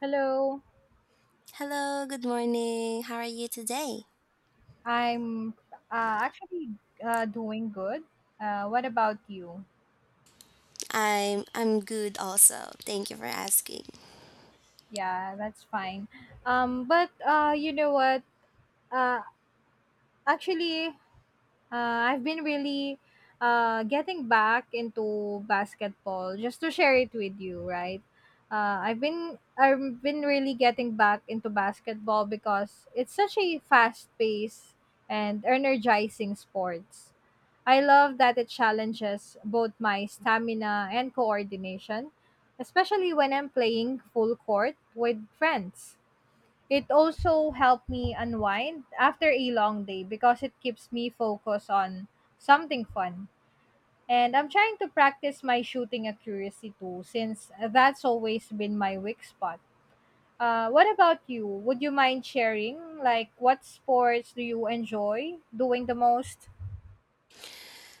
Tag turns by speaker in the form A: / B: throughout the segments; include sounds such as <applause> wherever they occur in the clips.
A: Hello,
B: Hello, good morning. How are you today?
A: I'm actually doing good. What about you?
B: I'm good also. Thank you for asking.
A: Yeah, that's fine. But you know what? Uh, actually, I've been really getting back into basketball just to share it with you, right? I've been really getting back into basketball because it's such a fast paced and energizing sports. I love that it challenges both my stamina and coordination, especially when I'm playing full court with friends. It also helped me unwind after a long day because it keeps me focused on something fun. And I'm trying to practice my shooting accuracy too, since that's always been my weak spot. What about you? Would you mind sharing? Like, what sports do you enjoy doing the most?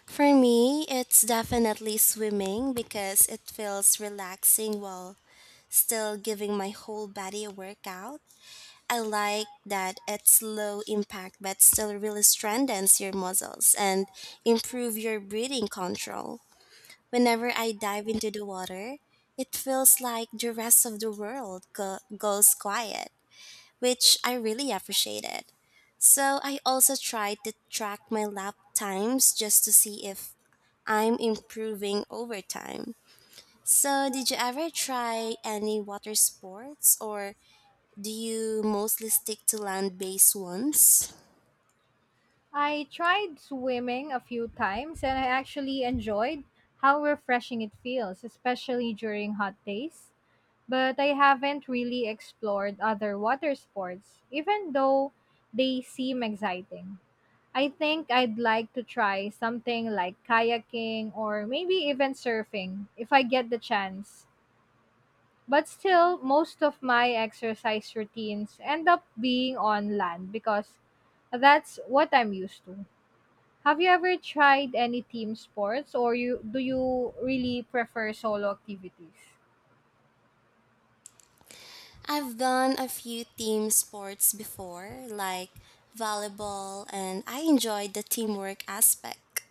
B: For me, it's definitely swimming because it feels relaxing while still giving my whole body a workout. I like that it's low impact but still really strengthens your muscles and improve your breathing control. Whenever I dive into the water, it feels like the rest of the world goes quiet, which I really appreciated. So I also tried to track my lap times just to see if I'm improving over time. So, did you ever try any water sports or do you mostly stick to land based ones?
A: I tried swimming a few times and I actually enjoyed how refreshing it feels, especially during hot days. But I haven't really explored other water sports, even though they seem exciting. I think I'd like to try something like kayaking or maybe even surfing if I get the chance. But still, most of my exercise routines end up being on land because that's what I'm used to. Have you ever tried any team sports, or you do you really prefer solo activities?
B: I've done a few team sports before, like volleyball, and I enjoyed the teamwork aspect,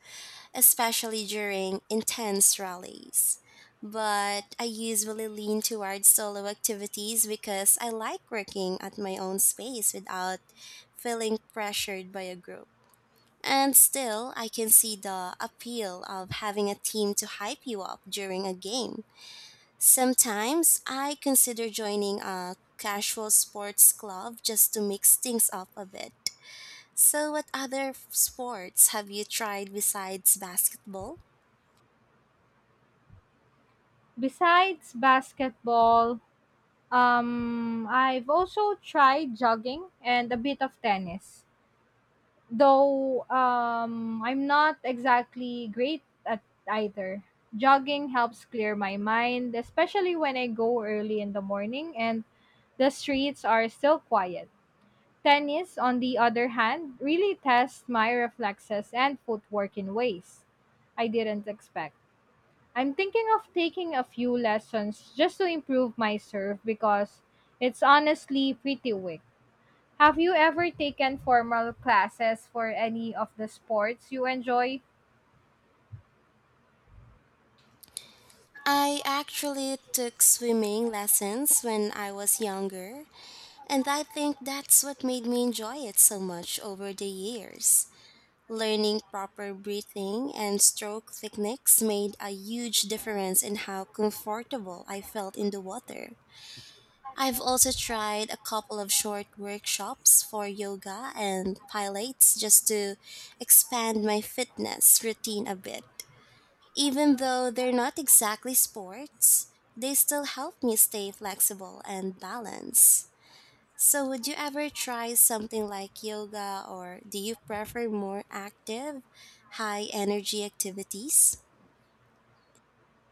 B: especially during intense rallies. But I usually lean towards solo activities because I like working at my own space without feeling pressured by a group. And still, I can see the appeal of having a team to hype you up during a game. Sometimes I consider joining a casual sports club just to mix things up a bit. So, what other sports have you tried besides basketball?
A: Besides basketball, I've also tried jogging and a bit of tennis, though I'm not exactly great at either. Jogging helps clear my mind, especially when I go early in the morning and the streets are still quiet. Tennis, on the other hand, really tests my reflexes and footwork in ways I didn't expect. I'm thinking of taking a few lessons just to improve my serve because it's honestly pretty weak. Have you ever taken formal classes for any of the sports you enjoy?
B: I actually took swimming lessons when I was younger, and I think that's what made me enjoy it so much over the years. Learning proper breathing and stroke techniques made a huge difference in how comfortable I felt in the water. I've also tried a couple of short workshops for yoga and pilates just to expand my fitness routine a bit. Even though they're not exactly sports, they still help me stay flexible and balanced. So, would you ever try something like yoga, or do you prefer more active, high energy activities?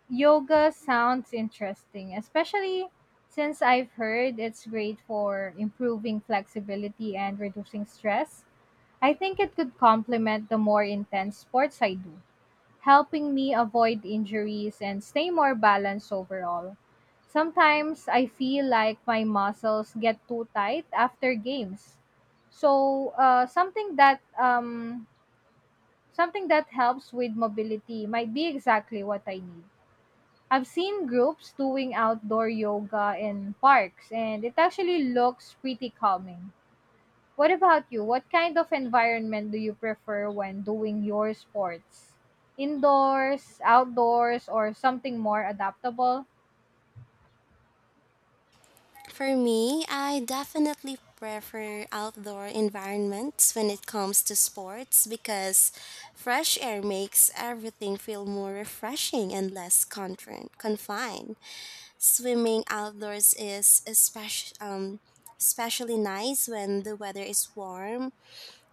A: Yoga sounds interesting, especially since I've heard it's great for improving flexibility and reducing stress. I think it could complement the more intense sports I do, helping me avoid injuries and stay more balanced overall. Sometimes I feel like my muscles get too tight after games. So, something that helps with mobility might be exactly what I need. I've seen groups doing outdoor yoga in parks, and it actually looks pretty calming. What about you? What kind of environment do you prefer when doing your sports? Indoors, outdoors, or something more adaptable?
B: For me, I definitely prefer outdoor environments when it comes to sports because fresh air makes everything feel more refreshing and less confined. Swimming outdoors is especially nice when the weather is warm,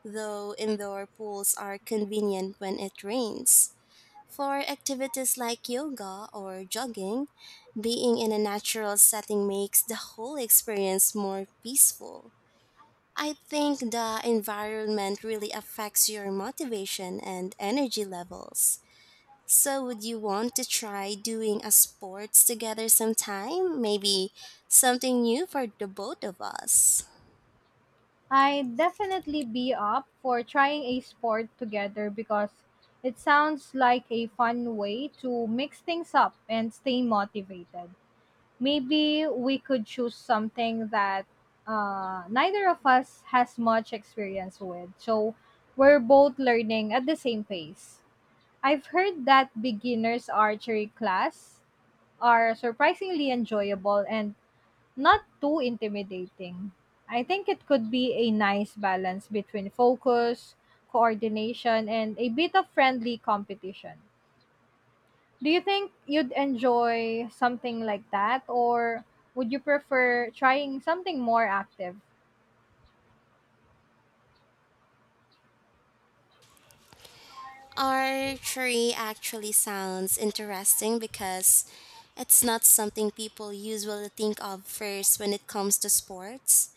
B: though indoor pools are convenient when it rains. For activities like yoga or jogging, being in a natural setting makes the whole experience more peaceful. I think the environment really affects your motivation and energy levels. So, would you want to try doing a sports together sometime? Maybe something new for the both of us?
A: I'd definitely be up for trying a sport together because it sounds like a fun way to mix things up and stay motivated. Maybe we could choose something that neither of us has much experience with, so we're both learning at the same pace. I've heard that beginners archery class are surprisingly enjoyable and not too intimidating. I think it could be a nice balance between focus, coordination, and a bit of friendly competition. Do you think you'd enjoy something like that, or would you prefer trying something more active?
B: Archery actually sounds interesting because it's not something people usually think of first when it comes to sports.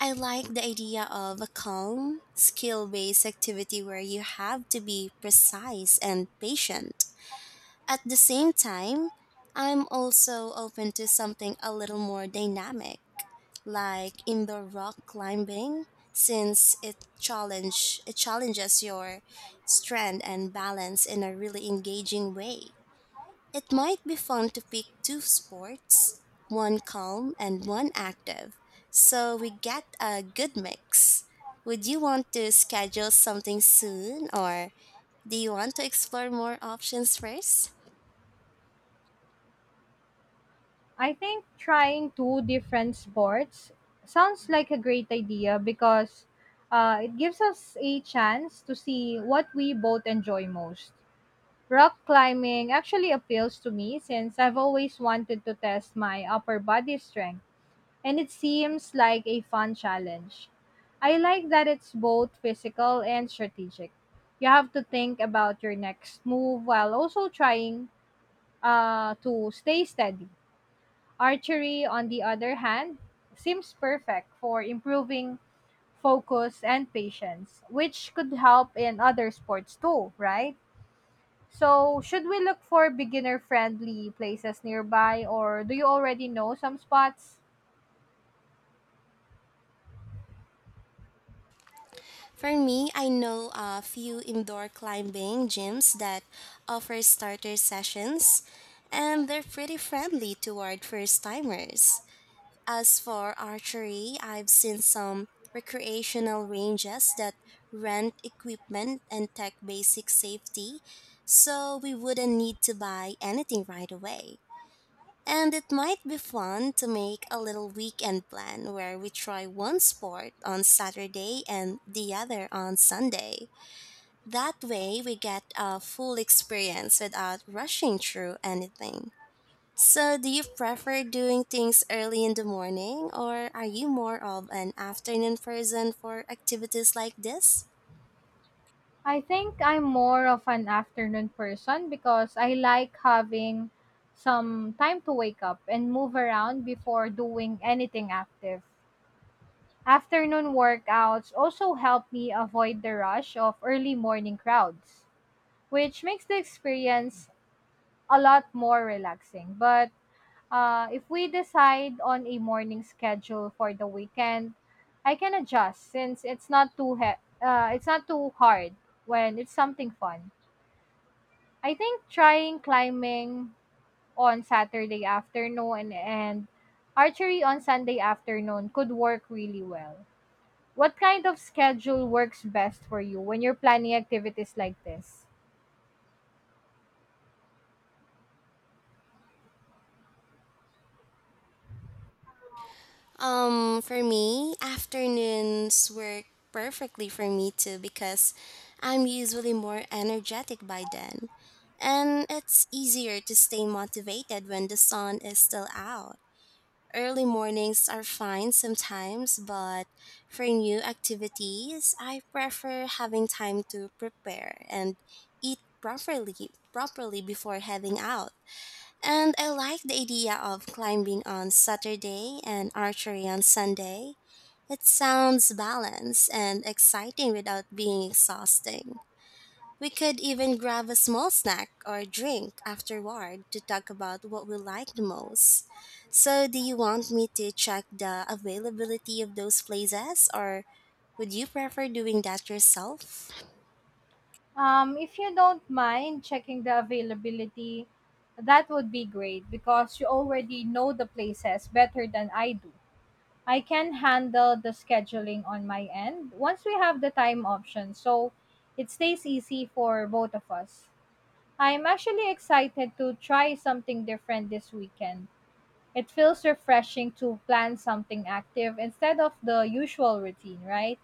B: I like the idea of a calm, skill based activity where you have to be precise and patient. At the same time, I'm also open to something a little more dynamic, like indoor rock climbing, since it challenges your strength and balance in a really engaging way. It might be fun to pick two sports, one calm and one active, so we get a good mix. Would you want to schedule something soon or do you want to explore more options first?
A: I think trying two different sports sounds like a great idea because it gives us a chance to see what we both enjoy most. Rock climbing actually appeals to me since I've always wanted to test my upper body strength, and it seems like a fun challenge. I like that it's both physical and strategic. You have to think about your next move while also trying to stay steady. Archery, on the other hand, seems perfect for improving focus and patience, which could help in other sports too, right? So, should we look for beginner friendly places nearby, or do you already know some spots?
B: For me, I know a few indoor climbing gyms that offer starter sessions, and they're pretty friendly toward first timers. As for archery, I've seen some recreational ranges that rent equipment and tech basic safety, so we wouldn't need to buy anything right away. And it might be fun to make a little weekend plan where we try one sport on Saturday and the other on Sunday. That way, we get a full experience without rushing through anything. So, do you prefer doing things early in the morning, or are you more of an afternoon person for activities like this?
A: I think I'm more of an afternoon person because I like having some time to wake up and move around before doing anything active. Afternoon workouts also help me avoid the rush of early morning crowds, which makes the experience a lot more relaxing. But if we decide on a morning schedule for the weekend, I can adjust since it's not too hard when it's something fun. I think trying climbing on Saturday afternoon and archery on Sunday afternoon could work really well. What kind of schedule works best for you when you're planning activities like this?
B: For me, afternoons work perfectly for me too because I'm usually more energetic by then. And it's easier to stay motivated when the sun is still out. Early mornings are fine sometimes, but for new activities, I prefer having time to prepare and eat properly before heading out. And I like the idea of climbing on Saturday and archery on Sunday. It sounds balanced and exciting without being exhausting. We could even grab a small snack or drink afterward to talk about what we like the most. So, do you want me to check the availability of those places or would you prefer doing that yourself?
A: If you don't mind checking the availability, that would be great because you already know the places better than I do. I can handle the scheduling on my end once we have the time option, so it stays easy for both of us. I'm actually excited to try something different this weekend. It feels refreshing to plan something active instead of the usual routine, right?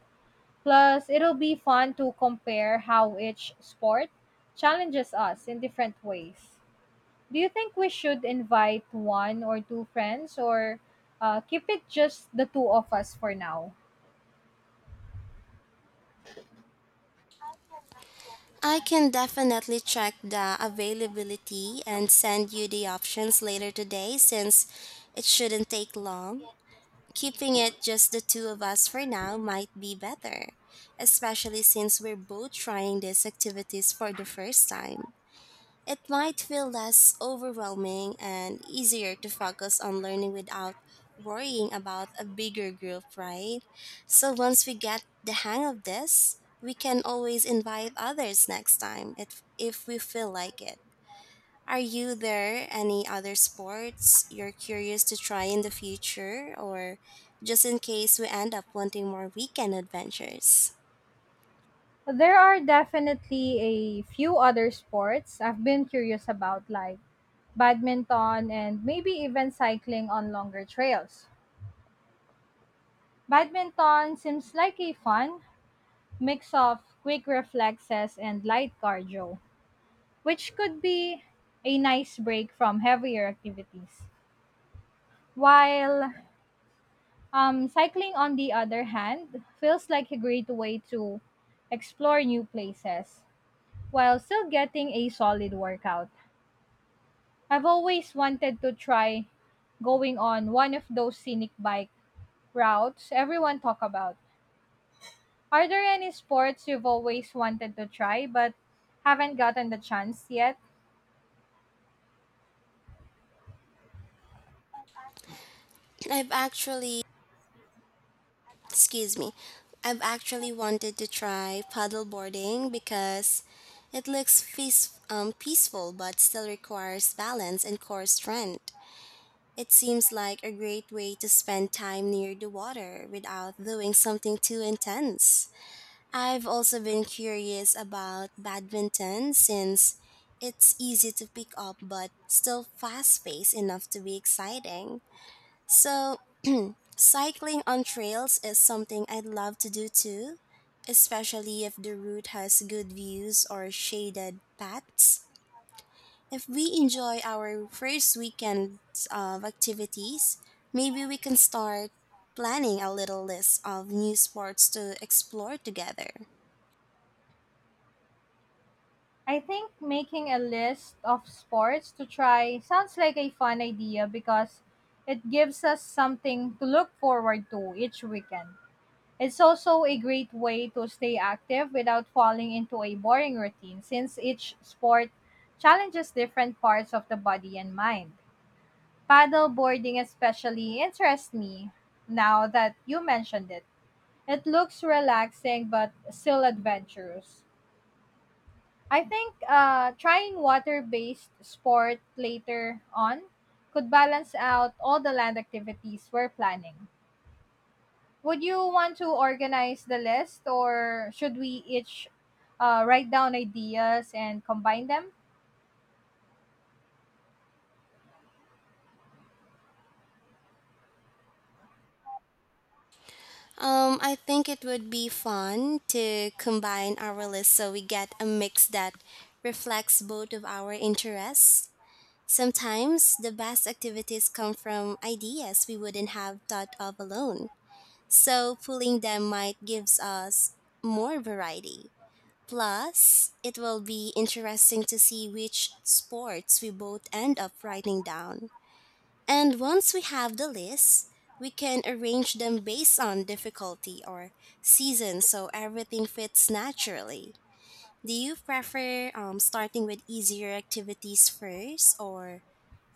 A: Plus, it'll be fun to compare how each sport challenges us in different ways. Do you think we should invite one or two friends, or keep it just the two of us for now?
B: I can definitely check the availability and send you the options later today since it shouldn't take long. Keeping it just the two of us for now might be better, especially since we're both trying these activities for the first time. It might feel less overwhelming and easier to focus on learning without worrying about a bigger group, right? So once we get the hang of this, we can always invite others next time if we feel like it. Are you there any other sports you're curious to try in the future or just in case we end up wanting more weekend adventures?
A: There are definitely a few other sports I've been curious about, like badminton and maybe even cycling on longer trails. Badminton seems like a fun mix of quick reflexes and light cardio, which could be a nice break from heavier activities. While cycling, on the other hand, feels like a great way to explore new places while still getting a solid workout. I've always wanted to try going on one of those scenic bike routes everyone talk about. Are there any sports you've always wanted to try but haven't gotten the chance yet?
B: I've actually Excuse me. I've actually wanted to try paddleboarding because it looks peaceful but still requires balance and core strength. It seems like a great way to spend time near the water without doing something too intense. I've also been curious about badminton since it's easy to pick up but still fast paced enough to be exciting. So, cycling on trails is something I'd love to do too, especially if the route has good views or shaded paths. If we enjoy our first weekend of activities, maybe we can start planning a little list of new sports to explore together.
A: I think making a list of sports to try sounds like a fun idea because it gives us something to look forward to each weekend. It's also a great way to stay active without falling into a boring routine, since each sport challenges different parts of the body and mind. Paddle boarding especially interests me now that you mentioned it. It looks relaxing but still adventurous. I think trying water based sport later on could balance out all the land activities we're planning. Would you want to organize the list, or should we each write down ideas and combine them?
B: I think it would be fun to combine our list so we get a mix that reflects both of our interests. Sometimes the best activities come from ideas we wouldn't have thought of alone, so pulling them might gives us more variety. Plus, it will be interesting to see which sports we both end up writing down. And once we have the list, we can arrange them based on difficulty or season so everything fits naturally. Do you prefer starting with easier activities first or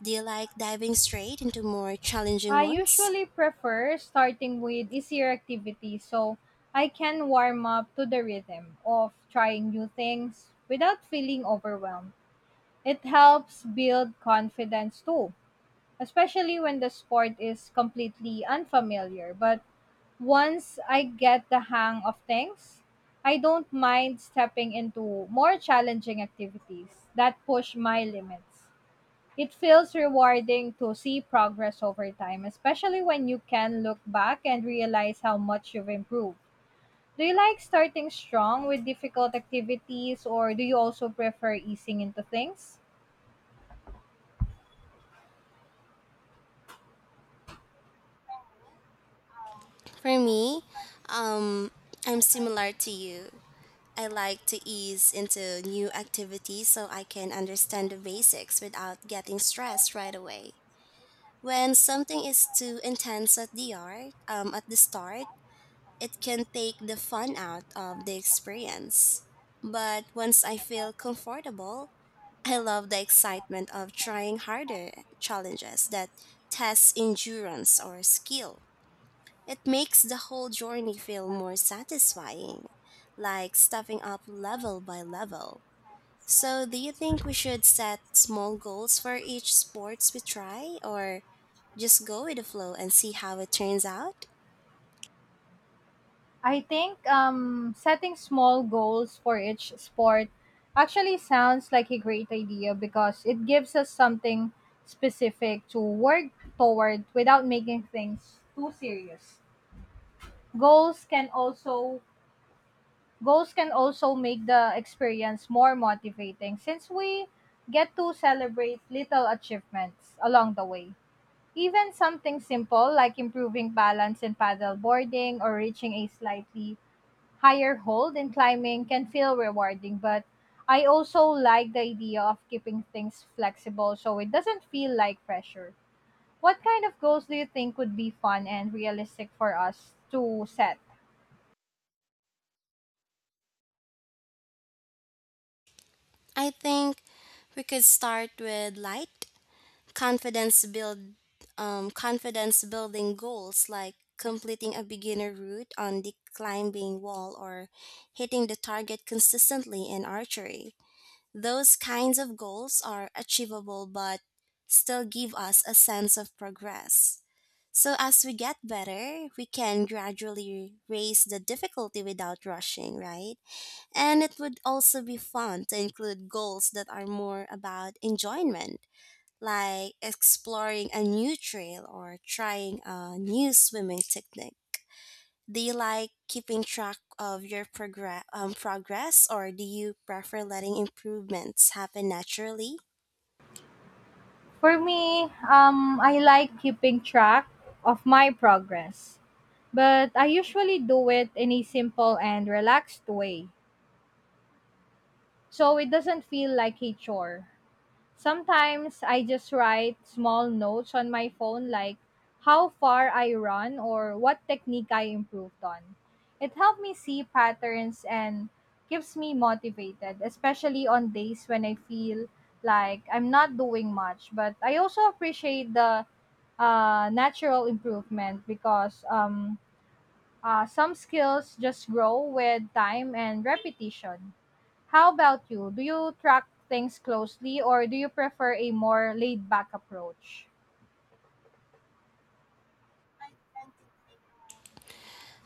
B: do you like diving straight into more challenging
A: I
B: ones?
A: usually prefer starting with easier activities so I can warm up to the rhythm of trying new things without feeling overwhelmed. It helps build confidence too, especially when the sport is completely unfamiliar. But once I get the hang of things, I don't mind stepping into more challenging activities that push my limits. It feels rewarding to see progress over time, especially when you can look back and realize how much you've improved. Do you like starting strong with difficult activities, or do you also prefer easing into things?
B: For me, um, I'm similar to you. I like to ease into new activities so I can understand the basics without getting stressed right away. When something is too intense at the start, it can take the fun out of the experience. But once I feel comfortable, I love the excitement of trying harder challenges that test endurance or skill. It makes the whole journey feel more satisfying, like stepping up level by level. So, do you think we should set small goals for each sports we try, or just go with the flow and see how it turns out?
A: I think setting small goals for each sport actually sounds like a great idea because it gives us something specific to work toward without making things too serious. Goals can also goals can also make the experience more motivating, since we get to celebrate little achievements along the way. Even something simple like improving balance in paddle boarding or reaching a slightly higher hold in climbing can feel rewarding, but I also like the idea of keeping things flexible so it doesn't feel like pressure. What kind of goals do you think would be fun and realistic for us to set?
B: I think we could start with light confidence build confidence building goals like completing a beginner route on the climbing wall or hitting the target consistently in archery. Those kinds of goals are achievable but still give us a sense of progress. So as we get better, we can gradually raise the difficulty without rushing, right? And it would also be fun to include goals that are more about enjoyment, like exploring a new trail or trying a new swimming technique. Do you like keeping track of your progress or do you prefer letting improvements happen naturally?
A: For me, I like keeping track of my progress, but I usually do it in a simple and relaxed way so it doesn't feel like a chore. Sometimes I just write small notes on my phone, like how far I run or what technique I improved on. It helped me see patterns and keeps me motivated, especially on days when I feel like I'm not doing much. But I also appreciate the natural improvement because some skills just grow with time and repetition. How about you? Do you track things closely, or do you prefer a more laid back approach?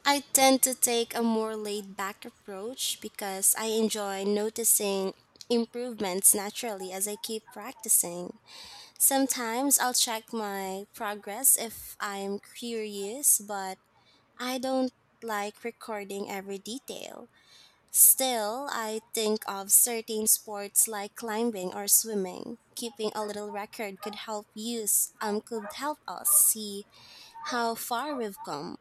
B: I tend to take a more laid back approach because I enjoy noticing improvements naturally as I keep practicing. Sometimes I'll check my progress if I'm curious, but I don't like recording every detail. Still, I think of certain sports like climbing or swimming. Keeping a little record could help use could help us see how far we've come.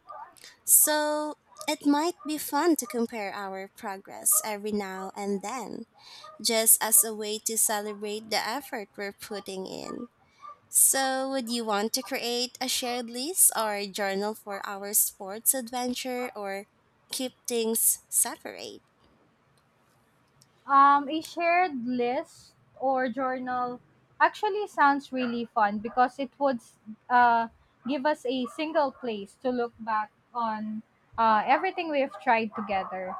B: So it might be fun to compare our progress every now and then, just as a way to celebrate the effort we're putting in. So, would you want to create a shared list or a journal for our sports adventure or keep things separate?
A: A shared list or journal actually sounds really fun because it would uh, give us a single place to look back on everything we've tried together.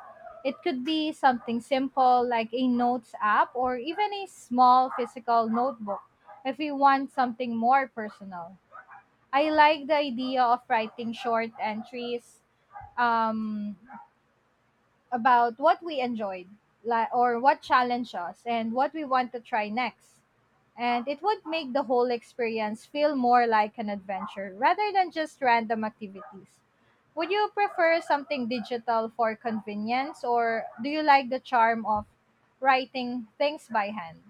A: It could be something simple like a notes app, or even a small physical notebook if we want something more personal. I like the idea of writing short entries um, about what we enjoyed or what challenged us and what we want to try next. And it would make the whole experience feel more like an adventure rather than just random activities. Would you prefer something digital for convenience, or do you like the charm of writing things by hand?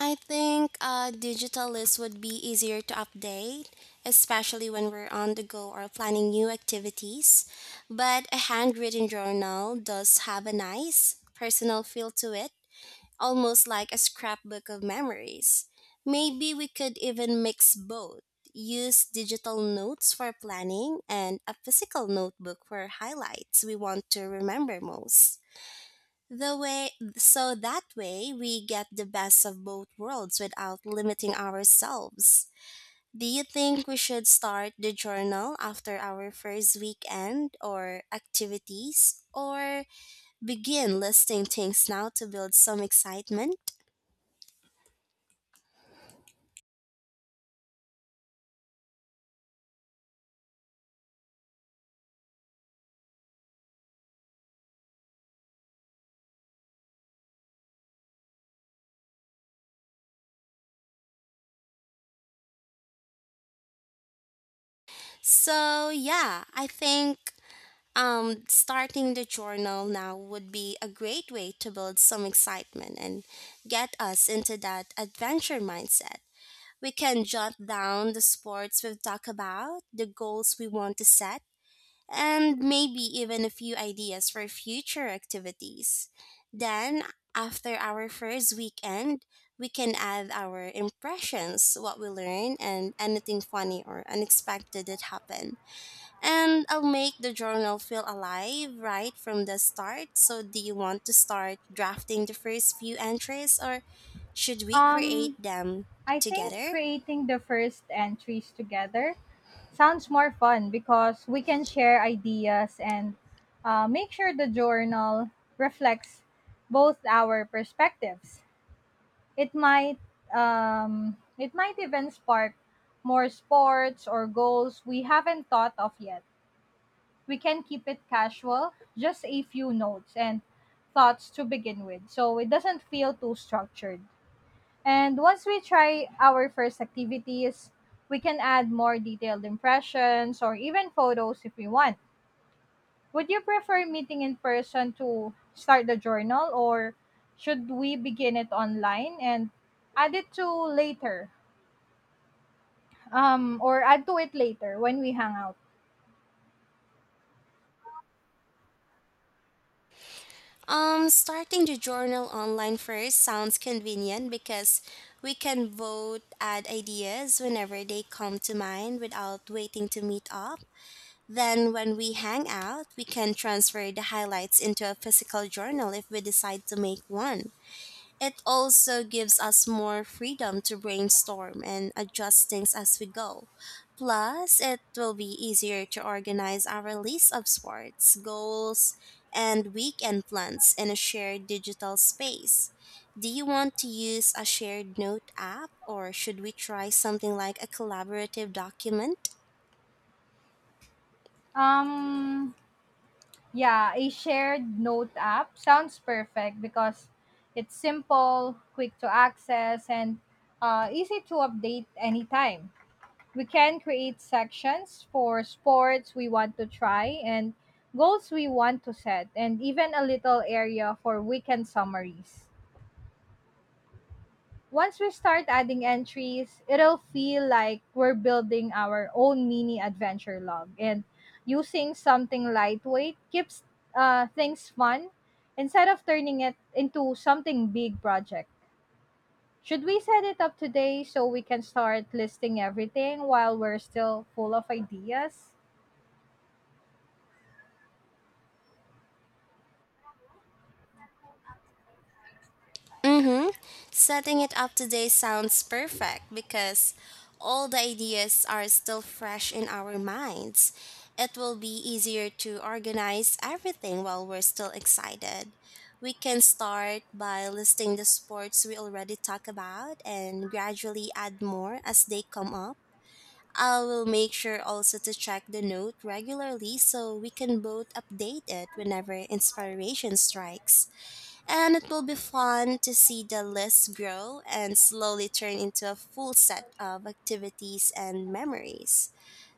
B: I think a digital list would be easier to update, especially when we're on the go or planning new activities. But a handwritten journal does have a nice personal feel to it almost like a scrapbook of memories. Maybe we could even mix both. Use digital notes for planning and a physical notebook for highlights we want to remember most. The way So that way we get the best of both worlds without limiting ourselves. Do you think we should start the journal after our first weekend or activities or begin listing things now to build some excitement? So, yeah, I think starting the journal now would be a great way to build some excitement and get us into that adventure mindset. We can jot down the sports we've talked about, the goals we want to set, and maybe even a few ideas for future activities. Then, after our first weekend, we can add our impressions, what we learned, and anything funny or unexpected that happened, and I'll make the journal feel alive right from the start. So, do you want to start drafting the first few entries or should we create
A: Um,
B: them
A: I think
B: together?
A: creating the first entries together sounds more fun because we can share ideas and make sure the journal reflects both our perspectives. It might it might even spark more sports or goals we haven't thought of yet. We can keep it casual, just a few notes and thoughts to begin with, so it doesn't feel too structured. And once we try our first activities, we can add more detailed impressions or even photos if we want. Would you prefer meeting in person to start the journal, or should we begin it online and add it to later? Or add to it later when we hang out?
B: Starting the journal online first sounds convenient because we can vote, add ideas whenever they come to mind without waiting to meet up. Then, when we hang out, we can transfer the highlights into a physical journal if we decide to make one. It also gives us more freedom to brainstorm and adjust things as we go. Plus, it will be easier to organize our list of sports, goals, and weekend plans in a shared digital space. Do you want to use a shared note app or should we try something like a collaborative document?
A: Um, yeah, a shared note app sounds perfect because it's simple, quick to access, and easy to update anytime. We can create sections for sports we want to try and goals we want to set, and even a little area for weekend summaries. Once we start adding entries, it'll feel like we're building our own mini adventure log. And using something lightweight keeps things fun instead of turning it into something big project. Should we set it up today so we can start listing everything while we're still full of ideas?
B: Mm-hmm. Setting it up today sounds perfect because all the ideas are still fresh in our minds. It will be easier to organize everything while we're still excited. We can start by listing the sports we already talked about and gradually add more as they come up. I will make sure also to check the note regularly so we can both update it whenever inspiration strikes, and it will be fun to see the list grow and slowly turn into a full set of activities and memories.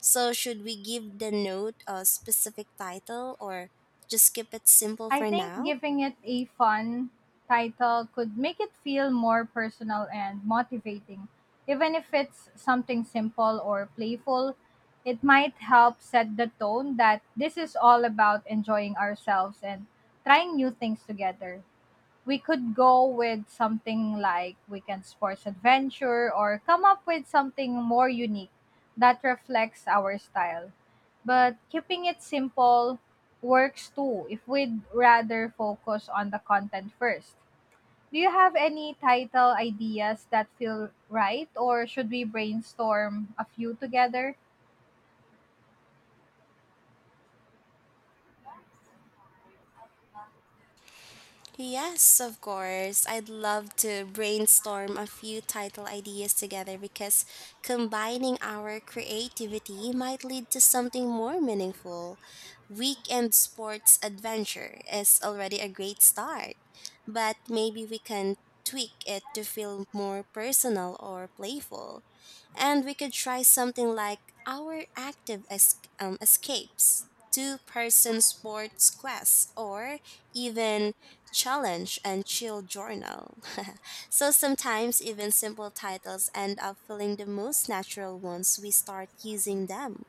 B: So, should we give the note a specific title or just keep it simple
A: I
B: for
A: think
B: now?
A: giving it a fun title could make it feel more personal and motivating. Even if it's something simple or playful, it might help set the tone that this is all about enjoying ourselves and trying new things together. We could go with something like Weekend Sports Adventure, or come up with something more unique that reflects our style. But keeping it simple works too if we'd rather focus on the content first. Do you have any title ideas that feel right, or should we brainstorm a few together?
B: Yes, of course. I'd love to brainstorm a few title ideas together because combining our creativity might lead to something more meaningful. Weekend Sports Adventure is already a great start, but maybe we can tweak it to feel more personal or playful. And we could try something like our escapes, two-person sports quests, or even challenge and chill journal. <laughs> So sometimes even simple titles end up feeling the most natural once we start using them.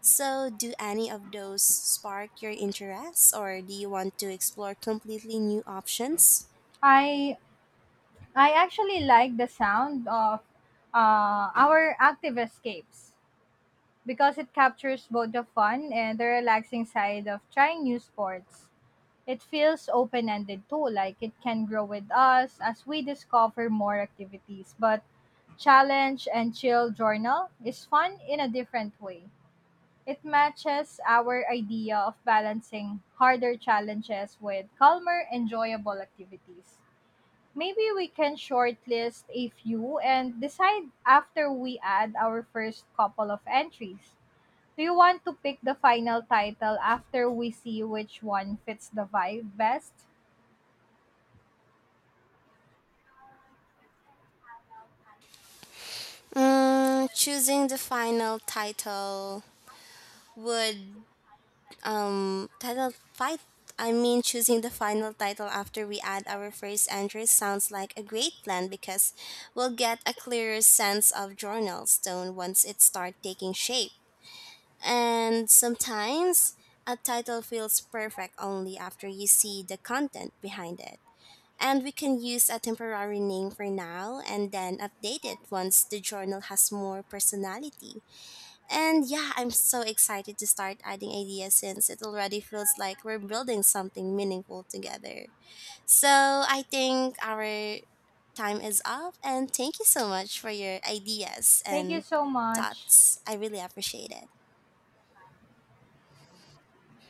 B: So do any of those spark your interests or do you want to explore completely new options?
A: I I actually like the sound of Our Active Escapes, because it captures both the fun and the relaxing side of trying new sports. It feels open ended too, like it can grow with us as we discover more activities. But Challenge and Chill Journal is fun in a different way. It matches our idea of balancing harder challenges with calmer, enjoyable activities. Maybe we can shortlist a few and decide after we add our first couple of entries. Do you want to pick the final title after we see which one fits the vibe best?
B: Mm, choosing the final title would title fight. I mean, choosing the final title after we add our first entry sounds like a great plan because we'll get a clearer sense of journal stone once it starts taking shape. And sometimes a title feels perfect only after you see the content behind it. And we can use a temporary name for now and then update it once the journal has more personality. And yeah, I'm so excited to start adding ideas since it already feels like we're building something meaningful together. So I think our time is up, and thank you so much for your ideas
A: Thank you
B: and
A: so much.
B: thoughts. I really appreciate it.